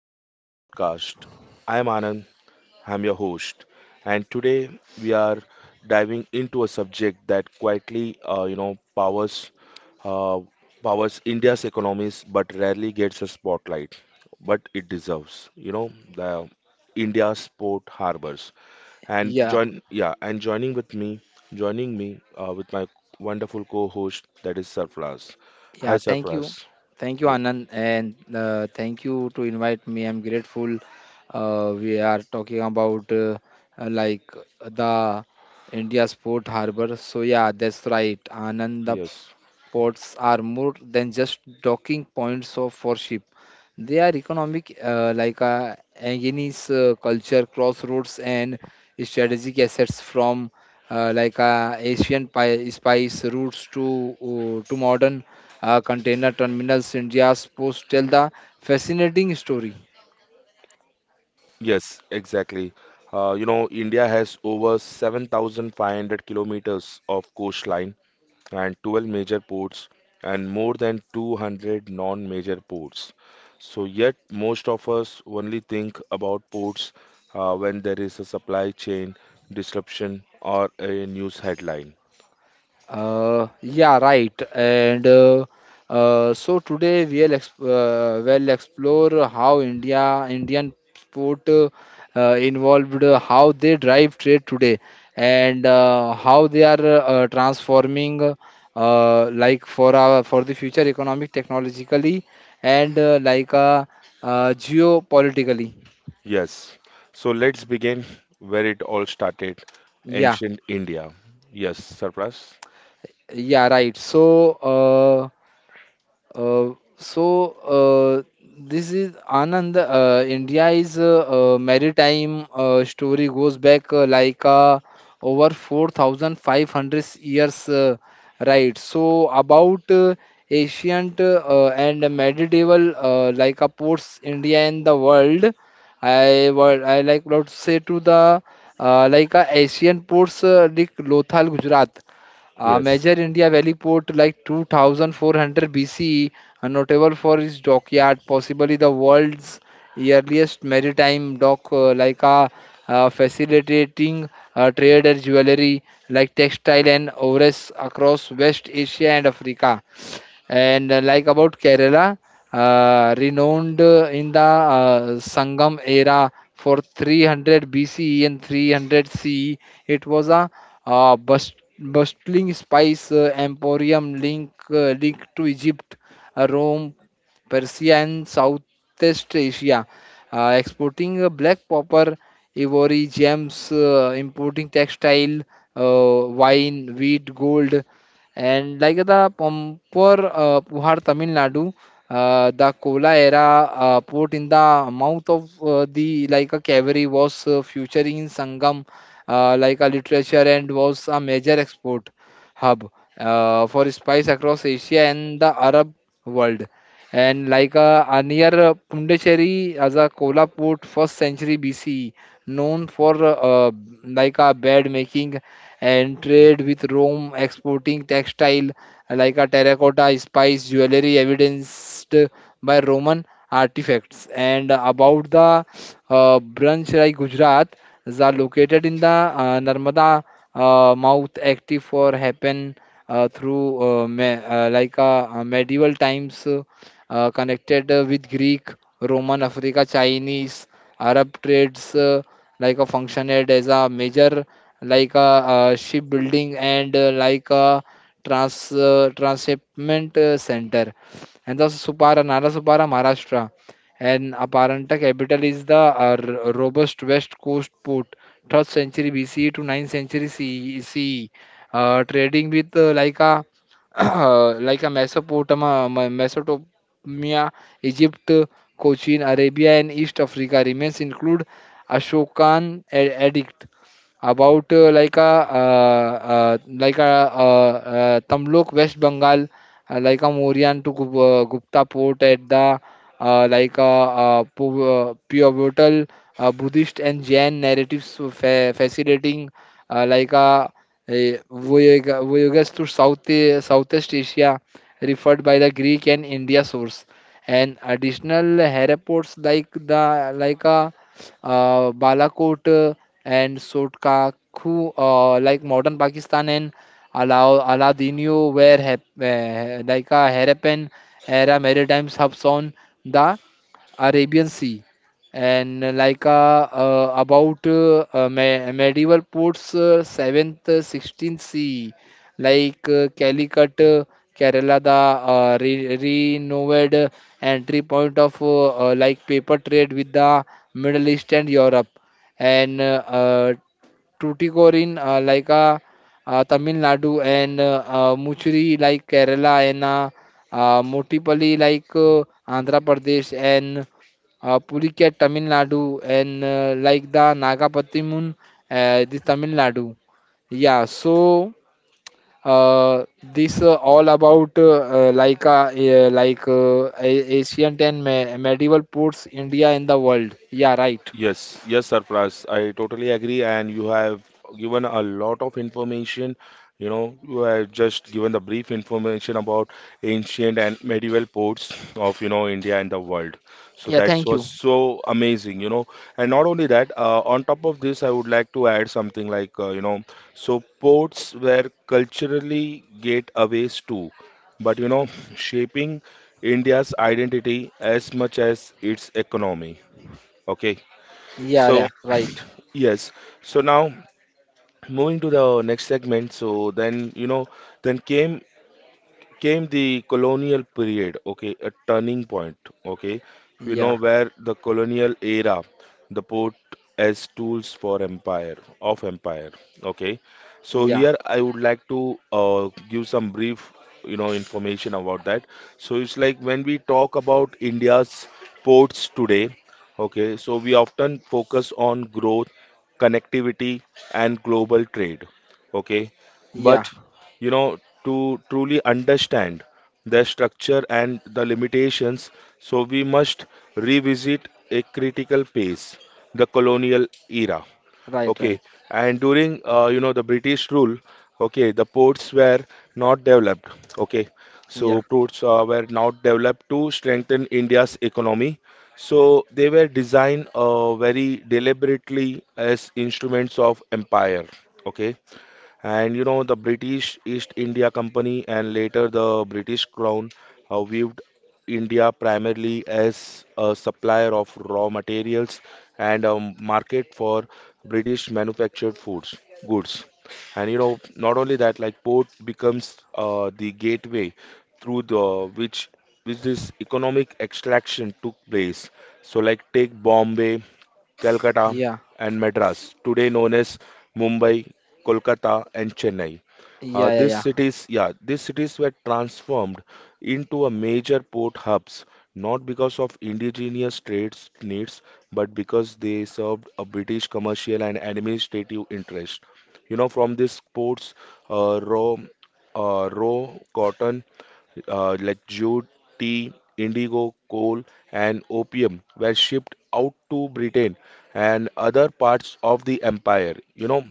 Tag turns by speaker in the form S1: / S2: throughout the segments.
S1: Welcome to our podcast. I am Anand, I'm your host, and today we are diving into a subject that quietly, powers uh, powers India's economies, but rarely gets a spotlight. But it deserves, you know, the India's port harbors. And
S2: Yeah,
S1: join, yeah, and joining with me, joining me with my wonderful co-host, that is Sarfraz. Hi,
S2: yeah, Thank you,
S1: Sarfraz.
S2: thank you,
S1: Ye-
S2: Anand, and thank you to invite me. I'm grateful. We are talking about uh, like the India Sport Harbor. So yeah, that's right, Anand.
S1: yes.
S2: Ports are more than just docking points for ship. They are economic, Agnes culture, crossroads, and strategic assets from Asian spice routes to modern container terminals. India's ports tell the fascinating story.
S1: Yes, exactly. India has over 7,500 kilometers of coastline and 12 major ports and more than 200 non-major ports. So yet most of us only think about ports when there is a supply chain disruption or a news headline.
S2: Yeah, right. And so today we'll explore how Indian sport involved, how they drive trade today, and how they are transforming, for the future economic, technologically, and geopolitically.
S1: Yes. So let's begin where it all started,
S2: Yeah,
S1: ancient India. Yes, Sarfraz?
S2: yeah, right. So. Uh, so uh, this is Anand. India is maritime story goes back over 4,500 years, right? So about ancient and medieval ports India and the world. I what I like what to say to the Asian ports like Lothal, Gujarat. A
S1: Yes.
S2: major India Valley port like 2,400 BCE, and notable for its dockyard, possibly the world's earliest maritime dock, like a facilitating trade and jewelry, like textile and ores across West Asia and Africa. And about Kerala, renowned in the Sangam era for 300 BCE and 300 CE. It was a bustling spice emporium linked to Egypt, Rome, Persia, and Southeast Asia, exporting black copper, ivory, gems, importing textile, wine, wheat, gold, and like the Puhar, Tamil Nadu, the Kola era port in the mouth of the like a cavalry, was featuring in Sangam like a literature and was a major export hub for spice across Asia and the Arab world. And like a near Pundacheri as a Kola port, first century BCE, known for like a bed making and trade with Rome, exporting textile like a terracotta, spice, jewelry, evidenced by Roman artifacts. And about the branch like Gujarat, is are located in the Narmada mouth, active for happen through me, like medieval times, connected with Greek, Roman, Africa, Chinese, Arab trades, like a functioned as a major, like a shipbuilding and like a trans transshipment center. And the Supara, Maharashtra. And Aparanta capital is the robust west coast port, 3rd century BCE to 9th century CE, trading with like a Mesopotamia, Media, Egypt, Cochin, Arabia, and East Africa. Remains include Ashokan addict. About like a Tamlok, West Bengal, like a Mauryan to Gupta port at the pivotal Buddhist and Jain narratives, fascinating like a voyages to Southeast Asia referred by the Greek and India source. And additional herapods like the like a Balakot and Sotkaku, like modern Pakistan and Alao Aladino, where hap- like a Harapan era maritimes hubs on the Arabian Sea, and about medieval ports, 7th, 16th sea, Calicut, Kerala, the renewed entry point of paper trade with the Middle East and Europe, and Tuticorin, Tamil Nadu, and Muchiri, like Kerala, and Motipalli, like Andhra Pradesh, and Pulikat, Tamil Nadu, and the Nagapattimun, this Tamil Nadu. Yeah, so this all about ancient and medieval ports India in the world. Yeah, right.
S1: Yes, yes, Sarfraz, I totally agree, and you have given a lot of information. You know, you have just given the brief information about ancient and medieval ports of, you know, India and the world. So
S2: Yeah,
S1: that
S2: thank
S1: was
S2: you.
S1: so amazing, you know. And not only that, on top of this, I would like to add something like, ports were culturally gateways too, but, you know, shaping India's identity as much as its economy. Okay.
S2: Yeah,
S1: So,
S2: yeah, right.
S1: yes. So now moving to the next segment. So then, you know, then came the colonial period, okay, a turning point, okay. We know,
S2: Yeah.
S1: where the colonial era, the port as tools for empire, of empire, okay. So
S2: Yeah,
S1: here I would like to give some brief, you know, information about that. So it's like, when we talk about India's ports today, okay, so we often focus on growth, connectivity, and global trade, okay.
S2: yeah,
S1: But you know, to truly understand their structure and the limitations, so we must revisit a critical phase, the colonial era.
S2: right,
S1: Okay,
S2: right.
S1: and during you know, the British rule, okay, the ports were not developed. Okay,
S2: Yeah,
S1: so ports were not developed to strengthen India's economy, so they were designed very deliberately as instruments of empire, okay. And you know, the British East India Company and later the British Crown viewed India primarily as a supplier of raw materials and a market for British manufactured foods goods. And you know, not only that, like port becomes the gateway through the which this economic extraction took place. So like take Bombay, Calcutta,
S2: yeah,
S1: and Madras, today known as Mumbai, Kolkata, and Chennai.
S2: yeah, yeah, yeah.
S1: These cities were transformed into a major port hubs, not because of indigenous trades needs, but because they served a British commercial and administrative interest. You know, from these ports, uh, raw, raw cotton, like jute, tea, indigo, coal, and opium were shipped out to Britain and other parts of the empire. You know,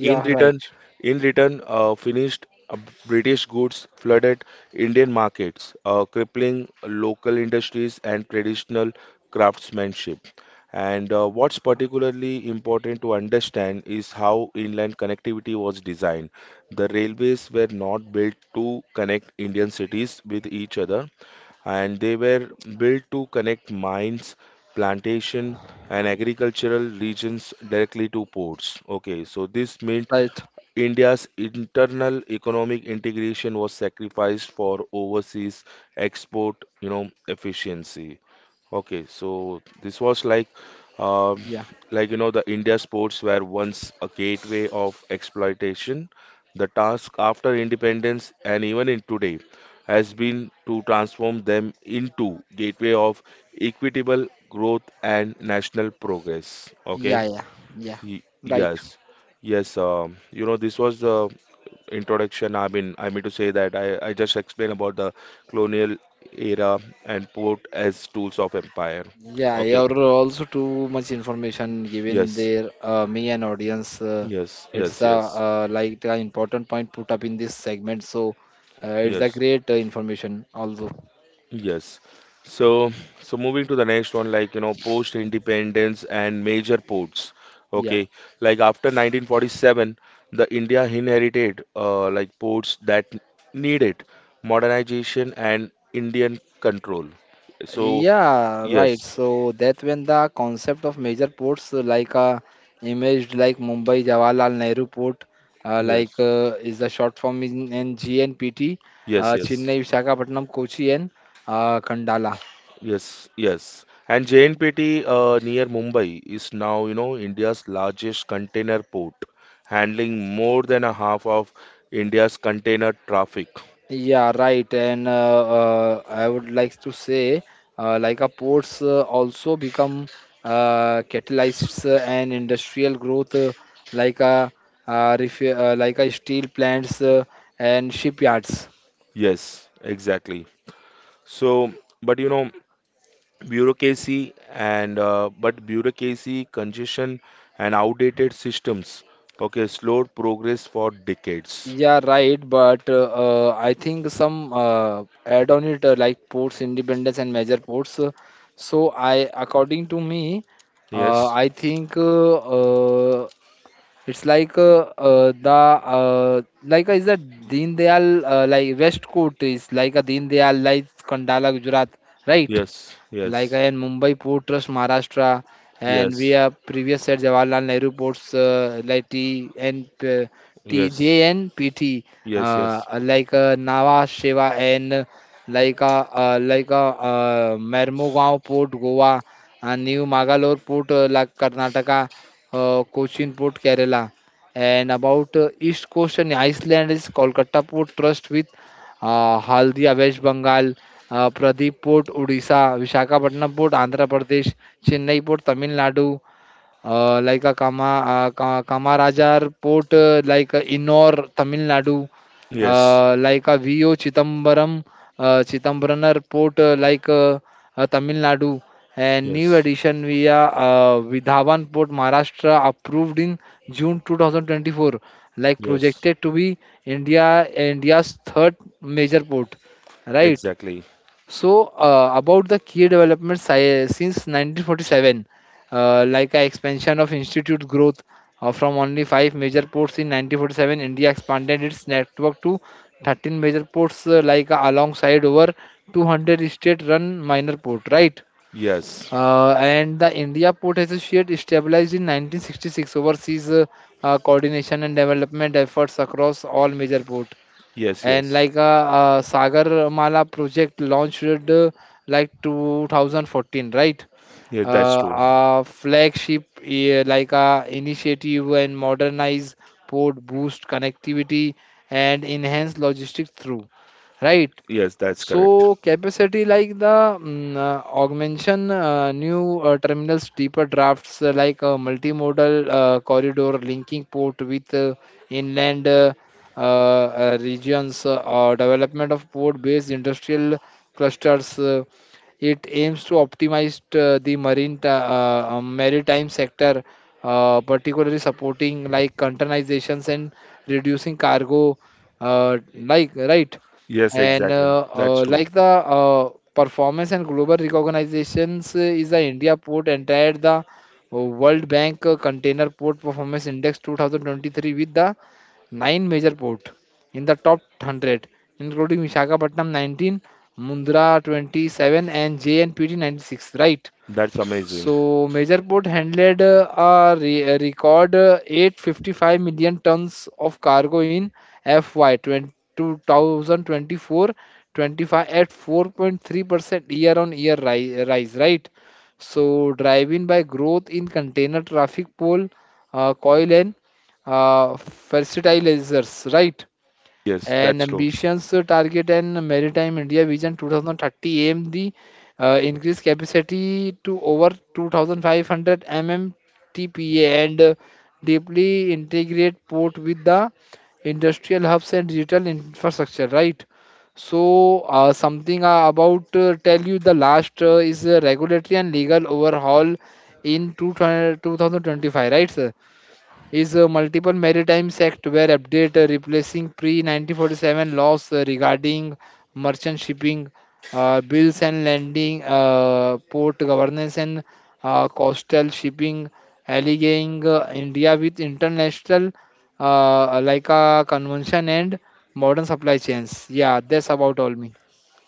S1: in
S2: right,
S1: return, in return, finished British goods flooded Indian markets, crippling local industries and traditional craftsmanship. And what's particularly important to understand is how inland connectivity was designed. The railways were not built to connect Indian cities with each other, and they were built to connect mines, plantation, and agricultural regions directly to ports. Okay, so this meant
S2: right.
S1: India's internal economic integration was sacrificed for overseas export, you know, efficiency. Okay, so this was like, um
S2: Yeah,
S1: like you know, the India sports were once a gateway of exploitation. The task after independence and even in today has been to transform them into gateway of equitable growth and national progress.
S2: yeah,
S1: Okay.
S2: yeah, yeah,
S1: Y-
S2: right.
S1: Yes, yes. You know, this was the introduction. I mean to say that I just explained about the colonial era and port as tools of empire.
S2: Yeah,
S1: Okay.
S2: you're also too much information given
S1: Yes,
S2: there. Me and audience,
S1: yes,
S2: it's
S1: yes,
S2: a
S1: yes,
S2: like an important point put up in this segment. So it's a
S1: yes.
S2: great information also.
S1: Yes. So, so moving to the next one, like, you know, post-independence and major ports.
S2: Yeah.
S1: Okay. Like after 1947, the India inherited like ports that needed modernization and Indian control. So,
S2: Yeah, right.
S1: yes,
S2: So that when the concept of major ports imaged like Mumbai Jawaharlal Nehru Port,
S1: yes,
S2: is the short form in GNPT,
S1: yes, yes.
S2: Chennai, Visakhapatnam, Kochi, and Kandala.
S1: Yes, yes. And JNPT near Mumbai is now, you know, India's largest container port, handling more than a half of India's container traffic.
S2: Yeah, right. And I would like to say like a ports also become catalysts and industrial growth, like a ref- like a steel plants and shipyards.
S1: Yes, exactly. So, but you know, bureaucracy, congestion, and outdated systems, okay, slowed progress for decades.
S2: Yeah, right. But I think some add on it, ports independence and major ports. So I, according to me,
S1: Yes,
S2: I think uh, it's like the is that Deen Dayal, West Coast is like a Deen Dayal, like Kandala, Gujarat, right?
S1: yes,
S2: Like
S1: yes,
S2: in Mumbai Port Trust, Maharashtra, and we
S1: yes,
S2: have previous said Jawaharlal Nehru ports, T and
S1: yes,
S2: TJNPT,
S1: yes, yes,
S2: Nhava Sheva, and like a Mermugao Port, Goa, and New Magalore Port, Karnataka, Cochin Port, Kerala. And about East Coast and Iceland is Kolkata Port Trust with Haldia, West Bengal, Pradeep Port, Odisha, Visakhapatnam Port, Andhra Pradesh, Chennai Port, Tamil Nadu, Kamarajar Port, like a Innor, Tamil Nadu,
S1: yes,
S2: uh, like a VO Chittambaram, uh, Chittambaram Port, Tamil Nadu, and new
S1: yes,
S2: addition via Vidhavan Port, Maharashtra, approved in June 2024, like
S1: yes.
S2: projected to be India's third major port, right?
S1: Exactly.
S2: So about the key developments since 1947, like a expansion of institute growth from only 5 major ports in 1947. India expanded its network to 13 major ports, alongside over 200 state-run minor port, right?
S1: Yes.
S2: And the India Port Associate established in 1966 overseas coordination and development efforts across all major port.
S1: Yes,
S2: And
S1: yes.
S2: like a Sagar Mala project launched 2014, right?
S1: Yes, that's true.
S2: A flagship like a initiative and modernize port, boost connectivity, and enhance logistics through, right?
S1: Yes, that's correct.
S2: So capacity like the augmentation, new terminals, deeper drafts, like a multimodal corridor linking port with inland regions, or development of port-based industrial clusters. It aims to optimize the maritime sector, particularly supporting like containerizations and reducing cargo, right.
S1: Yes,
S2: And
S1: exactly. That's true.
S2: the performance and global recognitions is the India port entered the World Bank Container Port Performance Index 2023 with the 9 major port in the top 100, including Visakhapatnam 19, Mundra 27, and JNPT 96. Right?
S1: That's amazing.
S2: So major port handled a record 855 million tons of cargo in FY 20 2024-25 at 4.3% year-on-year rise, right? So driven by growth in container traffic, coal, coil, and fertilizers, right?
S1: Yes,
S2: And
S1: that's true.
S2: ambitions target and maritime India Vision 2030 aim the increased capacity to over 2500 mmtpa, and deeply integrate port with the industrial hubs and digital infrastructure, right. So something about tell you the last is a regulatory and legal overhaul in 2025, right, sir. Is a multiple maritime act were update, replacing pre-1947 laws regarding merchant shipping, bills and landing, port governance, and coastal shipping, allying India with international like a convention and modern supply chains. Yeah, that's about all me.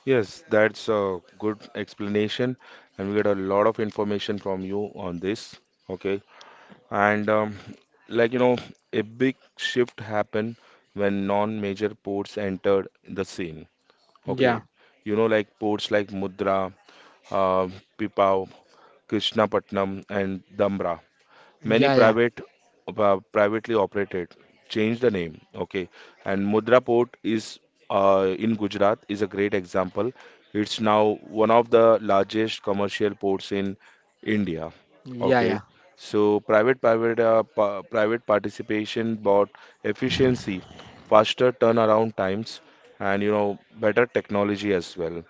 S1: Yes, that's a good explanation, and we get a lot of information from you on this. Okay, and like you know, a big shift happened when non-major ports entered the scene.
S2: Yeah,
S1: Okay, you know, like ports like Mudra, uh, Pipavav, Krishnapatnam, and Dhamra. Many
S2: yeah, yeah,
S1: private privately operated, change the name. Okay, and Mudra Port is in Gujarat, is a great example. It's now one of the largest commercial ports in India.
S2: yeah,
S1: Okay, so private participation brought efficiency, faster turnaround times, and you know, better technology as well.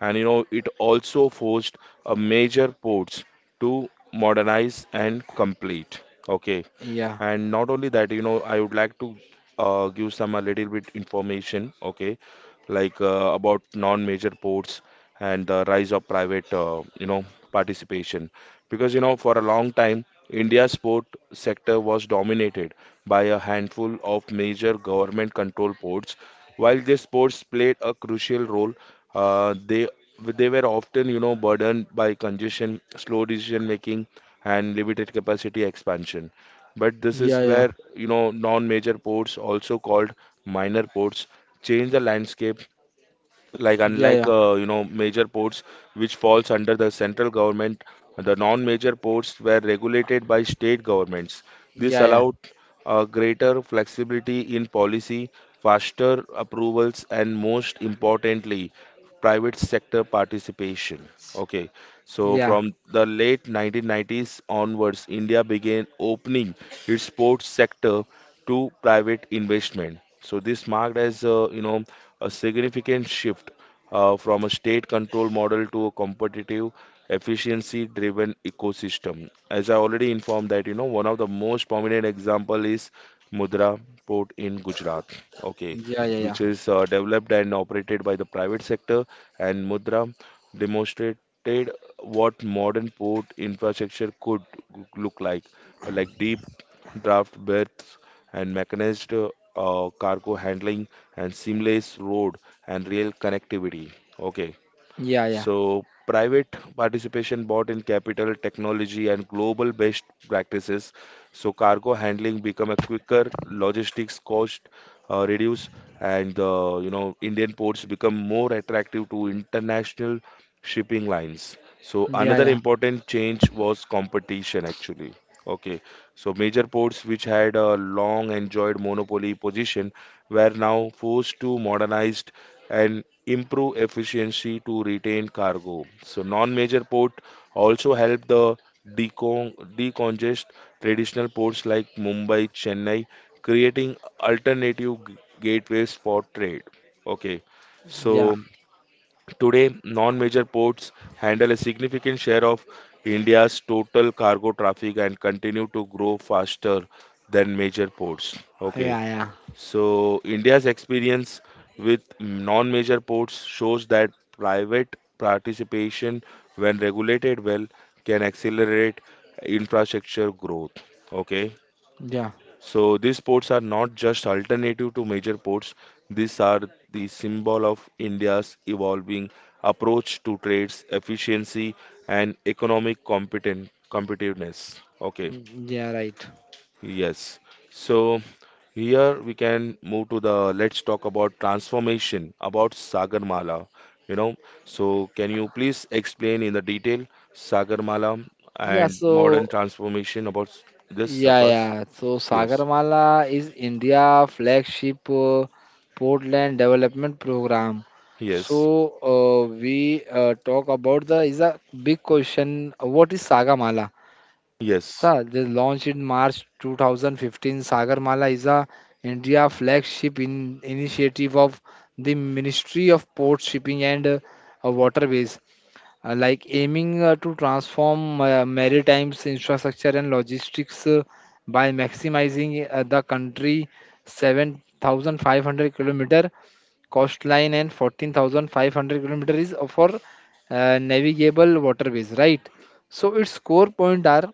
S1: And you know, it also forced a major ports to modernize and complete. Okay,
S2: yeah,
S1: and not only that, you know, I would like to give some a little bit information, okay, like about non-major ports and the rise of private, you know, participation. Because, you know, for a long time, India's port sector was dominated by a handful of major government-controlled ports. While these ports played a crucial role, they they were often, you know, burdened by congestion, slow decision making, and limited capacity expansion. But this
S2: yeah,
S1: is
S2: yeah,
S1: where, you know, non-major ports, also called minor ports, change the landscape. Like,
S2: yeah,
S1: unlike
S2: yeah,
S1: you know, major ports, which falls under the central government, the non-major ports were regulated by state governments. This
S2: yeah, yeah,
S1: allowed greater flexibility in policy, faster approvals, and most importantly, private sector participation. Okay,
S2: yeah, yeah,
S1: so
S2: yeah,
S1: from the late 1990s onwards, india began opening its port sector to private investment. So this marked as a, you know, a significant shift from a state control model to a competitive, efficiency driven ecosystem. As I already informed that you know, one of the most prominent example is Mudra Port in Gujarat. Okay,
S2: yeah, yeah,
S1: which is developed and operated by the private sector, and Mudra demonstrated what modern port infrastructure could look like deep draft berths and mechanized cargo handling and seamless road and rail connectivity. Okay,
S2: yeah,
S1: so private participation bought in capital, technology, and global best practices. So cargo handling become a quicker, logistics cost reduce, and the you know, Indian ports become more attractive to international shipping lines. So,
S2: yeah,
S1: another
S2: yeah.
S1: important change was competition actually. Okay, so major ports, which had a long enjoyed monopoly position, were now forced to modernize and improve efficiency to retain cargo. So non-major port also help the decongest traditional ports like Mumbai, Chennai, creating alternative gateways for trade. Okay.
S2: Yeah,
S1: So today, non-major ports handle a significant share of India's total cargo traffic and continue to grow faster than major ports. Okay.
S2: yeah, yeah,
S1: So India's experience with non major ports shows that private participation, when regulated well, can accelerate infrastructure growth. Okay,
S2: yeah,
S1: so these ports are not just alternative to major ports, these are the symbol of India's evolving approach to trades, efficiency, and economic competen competitiveness. Okay.
S2: mm, yeah, right.
S1: Yes. So here we can move to the, let's talk about transformation about Sagarmala. You know, so can you please explain in the detail Sagarmala
S2: Yeah,
S1: and modern
S2: so
S1: transformation about this,
S2: yeah,
S1: Sarfraz?
S2: yeah. So
S1: Yes.
S2: Sagarmala is India flagship Portland development program. So
S1: Yes.
S2: we talk about the is a big question. What is Sagarmala?
S1: Yes.
S2: Sir, they launched in March 2015. Sagarmala is a India flagship in initiative of the Ministry of Port Shipping and Waterways, aiming to transform maritime infrastructure and logistics by maximizing the country 7,500 kilometer coastline and 14,500 kilometer is for navigable waterways, right. So its core point are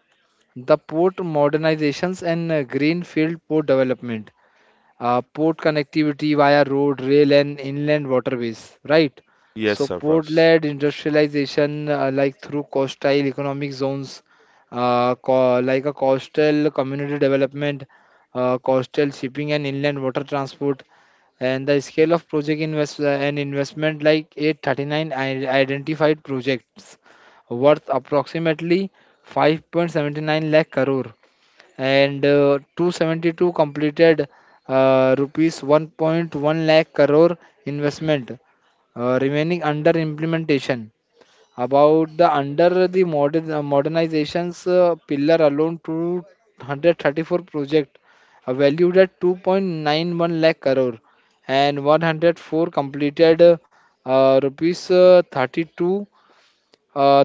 S2: the port modernizations and greenfield port development, port connectivity via road, rail, and inland waterways, right?
S1: Yes,
S2: So
S1: Sarfraz.
S2: port-led industrialization, through coastal economic zones, co- like a coastal community development, coastal shipping and inland water transport, and the scale of project investment like 839 identified projects worth approximately 5.79 lakh crore and 272 completed, rupees 1.1 lakh crore investment remaining under implementation. About the under the modern modernizations pillar alone, 234 project valued at 2.91 lakh crore, and 104 completed, rupees 32,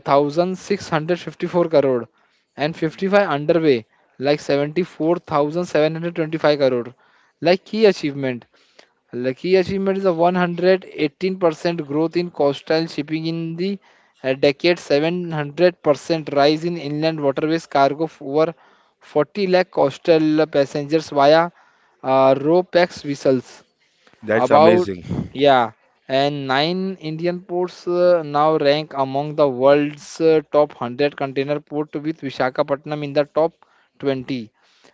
S2: 1,654 crore, and 55 underway, like 74,725 crore. Like key achievement like key achievement is a 118% growth in coastal shipping in the decade, 700% rise in inland waterways cargo over 40 lakh coastal passengers via ropex vessels.
S1: That's
S2: About,
S1: amazing.
S2: yeah, and nine Indian ports now rank among the world's top 100 container port, with Visakhapatnam in the top 20.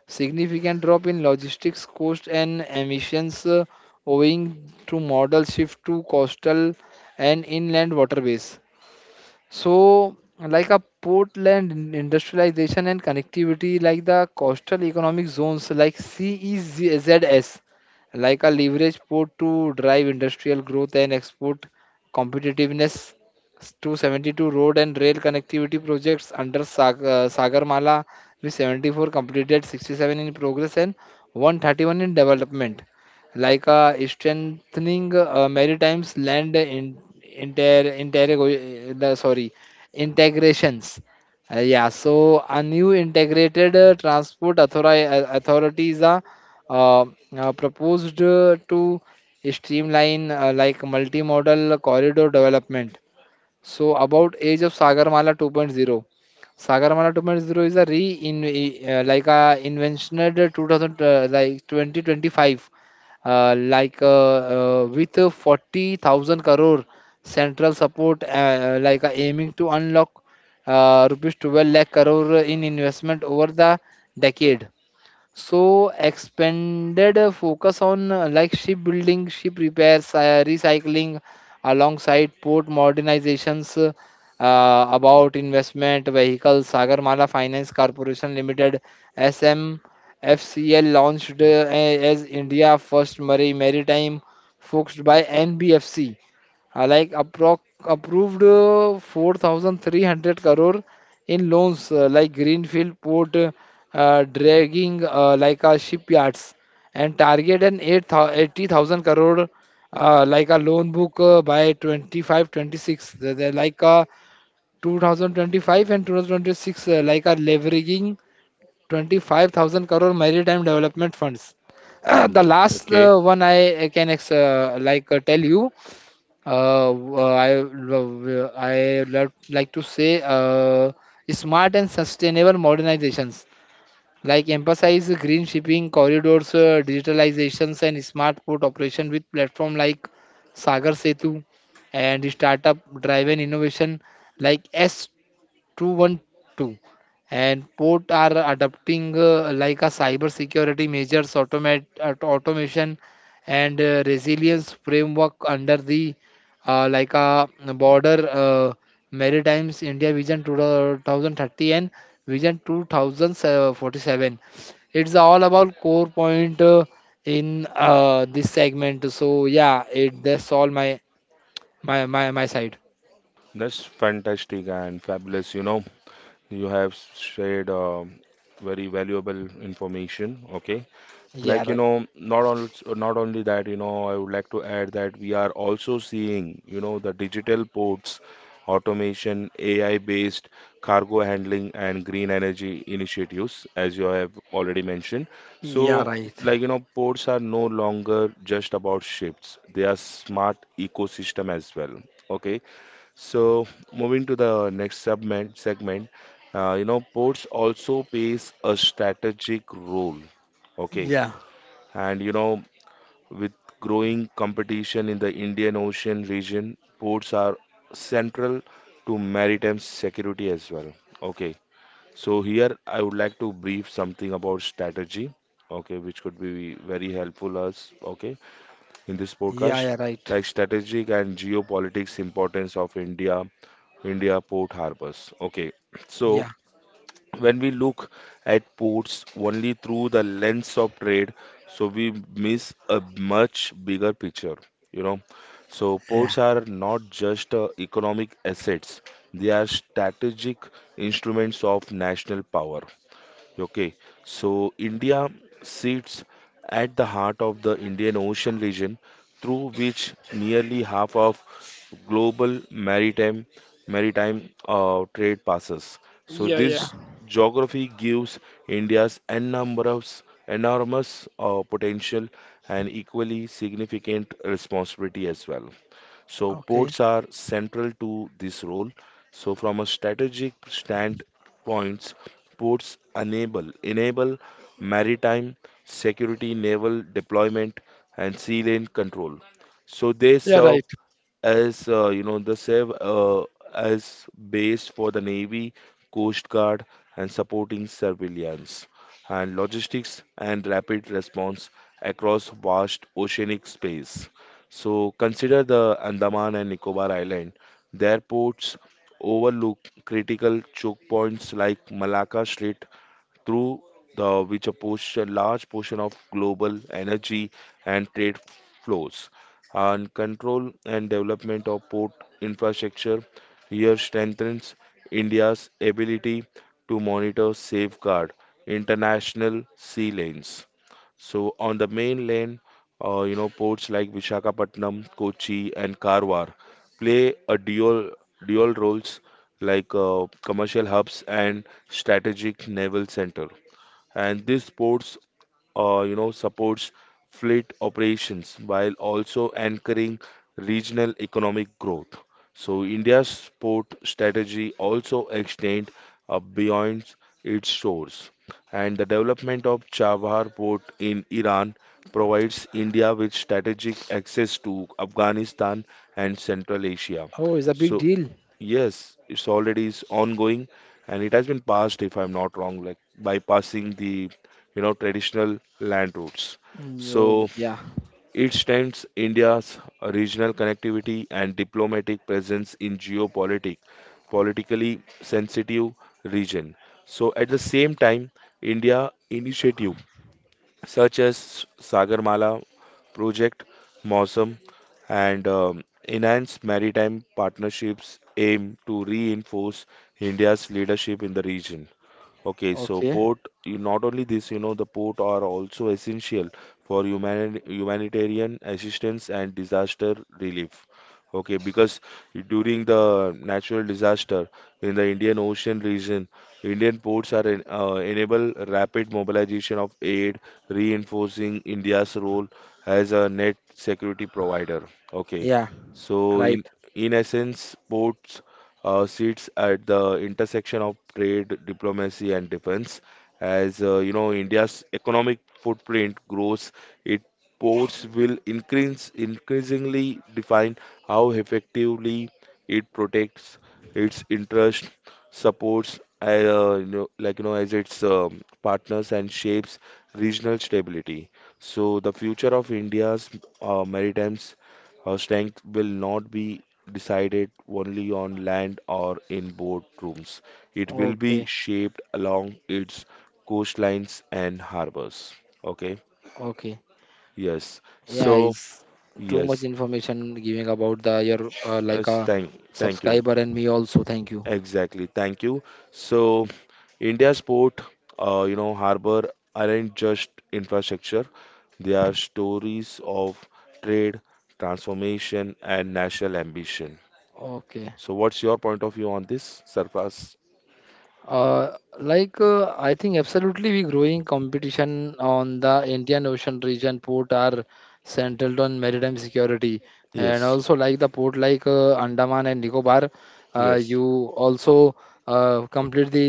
S2: Significant drop in logistics cost and emissions, owing to modal shift to coastal and inland waterways. So, like a portland industrialization and connectivity, like the coastal economic zones, like CEZS, like a leverage port to drive industrial growth and export competitiveness. 272 road and rail connectivity projects under Sagarmala, with 74 completed, 67 in progress, and 131 in development, like strengthening maritime's land in inter, intergo- the, sorry integrations. Yeah, so a new integrated authority is uh, proposed to streamline, like, multimodal corridor development. So, about age of Sagarmala 2.0. Sagarmala 2.0 is a re in like a inventioned 2000, like 2025, with a 40,000 crore central support, aiming to unlock rupees 12 lakh crore in investment over the decade. So expanded focus on, like, shipbuilding, ship repairs, recycling, alongside port modernizations. About investment vehicles, Sagarmala Finance Corporation Limited (SMFCL) launched as India first maritime focused by NBFC. Uh, like appro- Approved 4,300 crore in loans, like Greenfield Port. Dragging, like a shipyards, and target an 80,000 crore like a loan book by 25 26. They're like a 2025 and 2026, like a, leveraging 25,000 crore maritime development funds. The
S1: Hmm.
S2: last
S1: Okay,
S2: one I can tell you, uh, uh, I like to say, smart and sustainable modernizations, like, emphasize green shipping corridors, digitalizations, and smart port operation with platform like Sagar Setu, and startup driven innovation like S 212. And port are adopting, like a, cyber security measures, automation, and resilience framework under the like a border maritimes india vision 2030 and vision 2047. It's all about core point in this segment. So yeah, it that's all my my side.
S1: that's fantastic and fabulous. You know, you have shared very valuable information. Okay,
S2: Yeah,
S1: like, you
S2: right.
S1: know, not only that, you know, I would like to add that we are also seeing, you know, the digital ports, automation, AI-based cargo handling and green energy initiatives, as you have already mentioned. So,
S2: Yeah, right.
S1: like, you know, ports are no longer just about ships. They are smart ecosystem as well. Okay. So, moving to the next segment, you know, ports also plays a strategic role. Okay,
S2: Yeah.
S1: and you know, with growing competition in the Indian Ocean region, ports are central to maritime security as well. Okay, so here I would like to brief something about strategy, okay, which could be very helpful us, okay, in this
S2: Yeah,
S1: podcast,
S2: yeah, right.
S1: like strategic and geopolitics importance of India port harbors. Okay, so
S2: Yeah.
S1: when we look at ports only through the lens of trade, so we miss a much bigger picture, you know. So
S2: Yeah.
S1: ports are not just economic assets, they are strategic instruments of national power. Okay, so India sits at the heart of the Indian Ocean region, through which nearly half of global maritime trade passes. So
S2: Yeah, yeah.
S1: this geography gives India's enormous potential and equally significant responsibility as well. So
S2: Okay.
S1: ports are central to this role. So from a strategic stand points, ports enable maritime security, naval deployment, and sea lane control. So they
S2: Yeah,
S1: serve
S2: right.
S1: as uh, you know the SEV uh, as base for the Navy, Coast Guard, and supporting surveillance and logistics and rapid response across vast oceanic space. So consider the Andaman and Nicobar Island. Their ports overlook critical choke points like Malacca Strait through the which a portion, large portion of global energy and trade flows, and control and development of port infrastructure here strengthens India's ability to monitor safeguard international sea lanes. So on the mainland, you know, ports like Visakhapatnam, Kochi, and Karwar play a dual roles, like commercial hubs and strategic naval center, and this sports you know, supports fleet operations while also anchoring regional economic growth. So India's sport strategy also extend beyond its shores, and the development of Chabahar port in Iran provides India with strategic access to Afghanistan and Central Asia.
S2: Oh, it's a big
S1: So
S2: deal.
S1: yes, it's already is ongoing, and it has been passed, if I'm not wrong, like bypassing the, you know, traditional land routes.
S2: Yo,
S1: So
S2: yeah.
S1: it strengthens India's regional connectivity and diplomatic presence in politically sensitive region. So at the same time, India initiative such as Sagarmala Project, MOSM, and enhance maritime partnerships, aim to reinforce India's leadership in the region. Okay, so
S2: Okay.
S1: port, not only this, you know, the port are also essential for humanitarian assistance and disaster relief. Okay, because during the natural disaster in the Indian Ocean region, Indian ports are enable rapid mobilization of aid, reinforcing India's role as a net security provider. Okay,
S2: Yeah,
S1: so
S2: right.
S1: in essence, ports sits at the intersection of trade, diplomacy, and defense. As you know, India's economic footprint grows, its ports will increase increasingly define how effectively it protects its interest, supports, as its partners, and shapes regional stability. So the future of India's maritime strength will not be decided only on land or in boardrooms. It will be
S2: Okay.
S1: shaped along its coastlines and harbors. Okay.
S2: Okay.
S1: Yes.
S2: Yeah,
S1: So,
S2: it's too much
S1: yes.
S2: information giving about the your like
S1: Yes,
S2: a
S1: thank, thank you.
S2: subscriber and me also. Thank you.
S1: Exactly. Thank you. So, India's port, you know, harbor aren't just infrastructure. They are stories of trade, transformation, and national ambition.
S2: Okay.
S1: So, what's your point of view on this, Sarfraz?
S2: I think absolutely we growing competition on the Indian Ocean region, port are centered on maritime security, and
S1: Yes.
S2: also like the port, like Andaman and Nicobar,
S1: Yes.
S2: you also complete the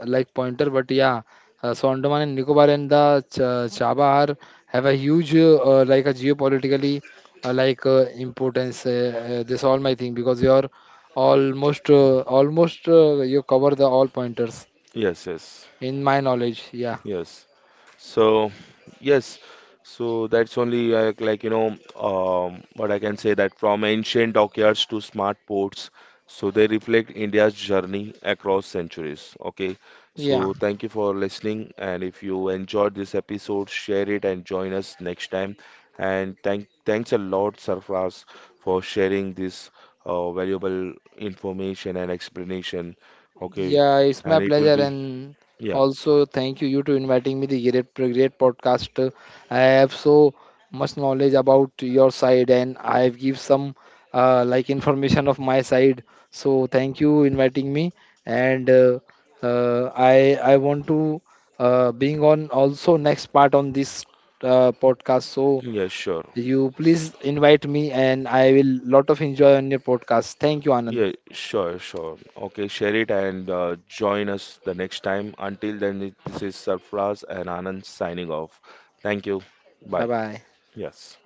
S2: like pointer. But yeah, so Andaman and Nicobar and the Ch Chabar have a huge like a geopolitically importance. This all my thing because your almost, almost you cover the all pointers
S1: Yes, yes,
S2: in my knowledge. Yeah,
S1: yes. So, yes, so that's only what I can say that from ancient dockyards to smart ports, so they reflect India's journey across centuries. Okay,
S2: yeah,
S1: so thank you for listening, and if you enjoyed this episode, share it and join us next time. And thanks a lot, Sarfraz, for sharing this valuable information and explanation. Okay,
S2: yeah. It's my
S1: and it will
S2: pleasure,
S1: be
S2: and
S1: yeah.
S2: also thank you to inviting me the great, great podcast. I have so much knowledge about your side, and I have give some like information of my side. So thank you inviting me, and I want to being on also next part on this podcast. So
S1: Yeah, sure.
S2: you please invite me, and I will lot of enjoy on your podcast. Thank you, Anand.
S1: Yeah, sure. Okay, share it and join us the next time. Until then, this is Sarfraz and Anand signing off. Thank you.
S2: Bye
S1: Bye.
S2: bye.
S1: Yes.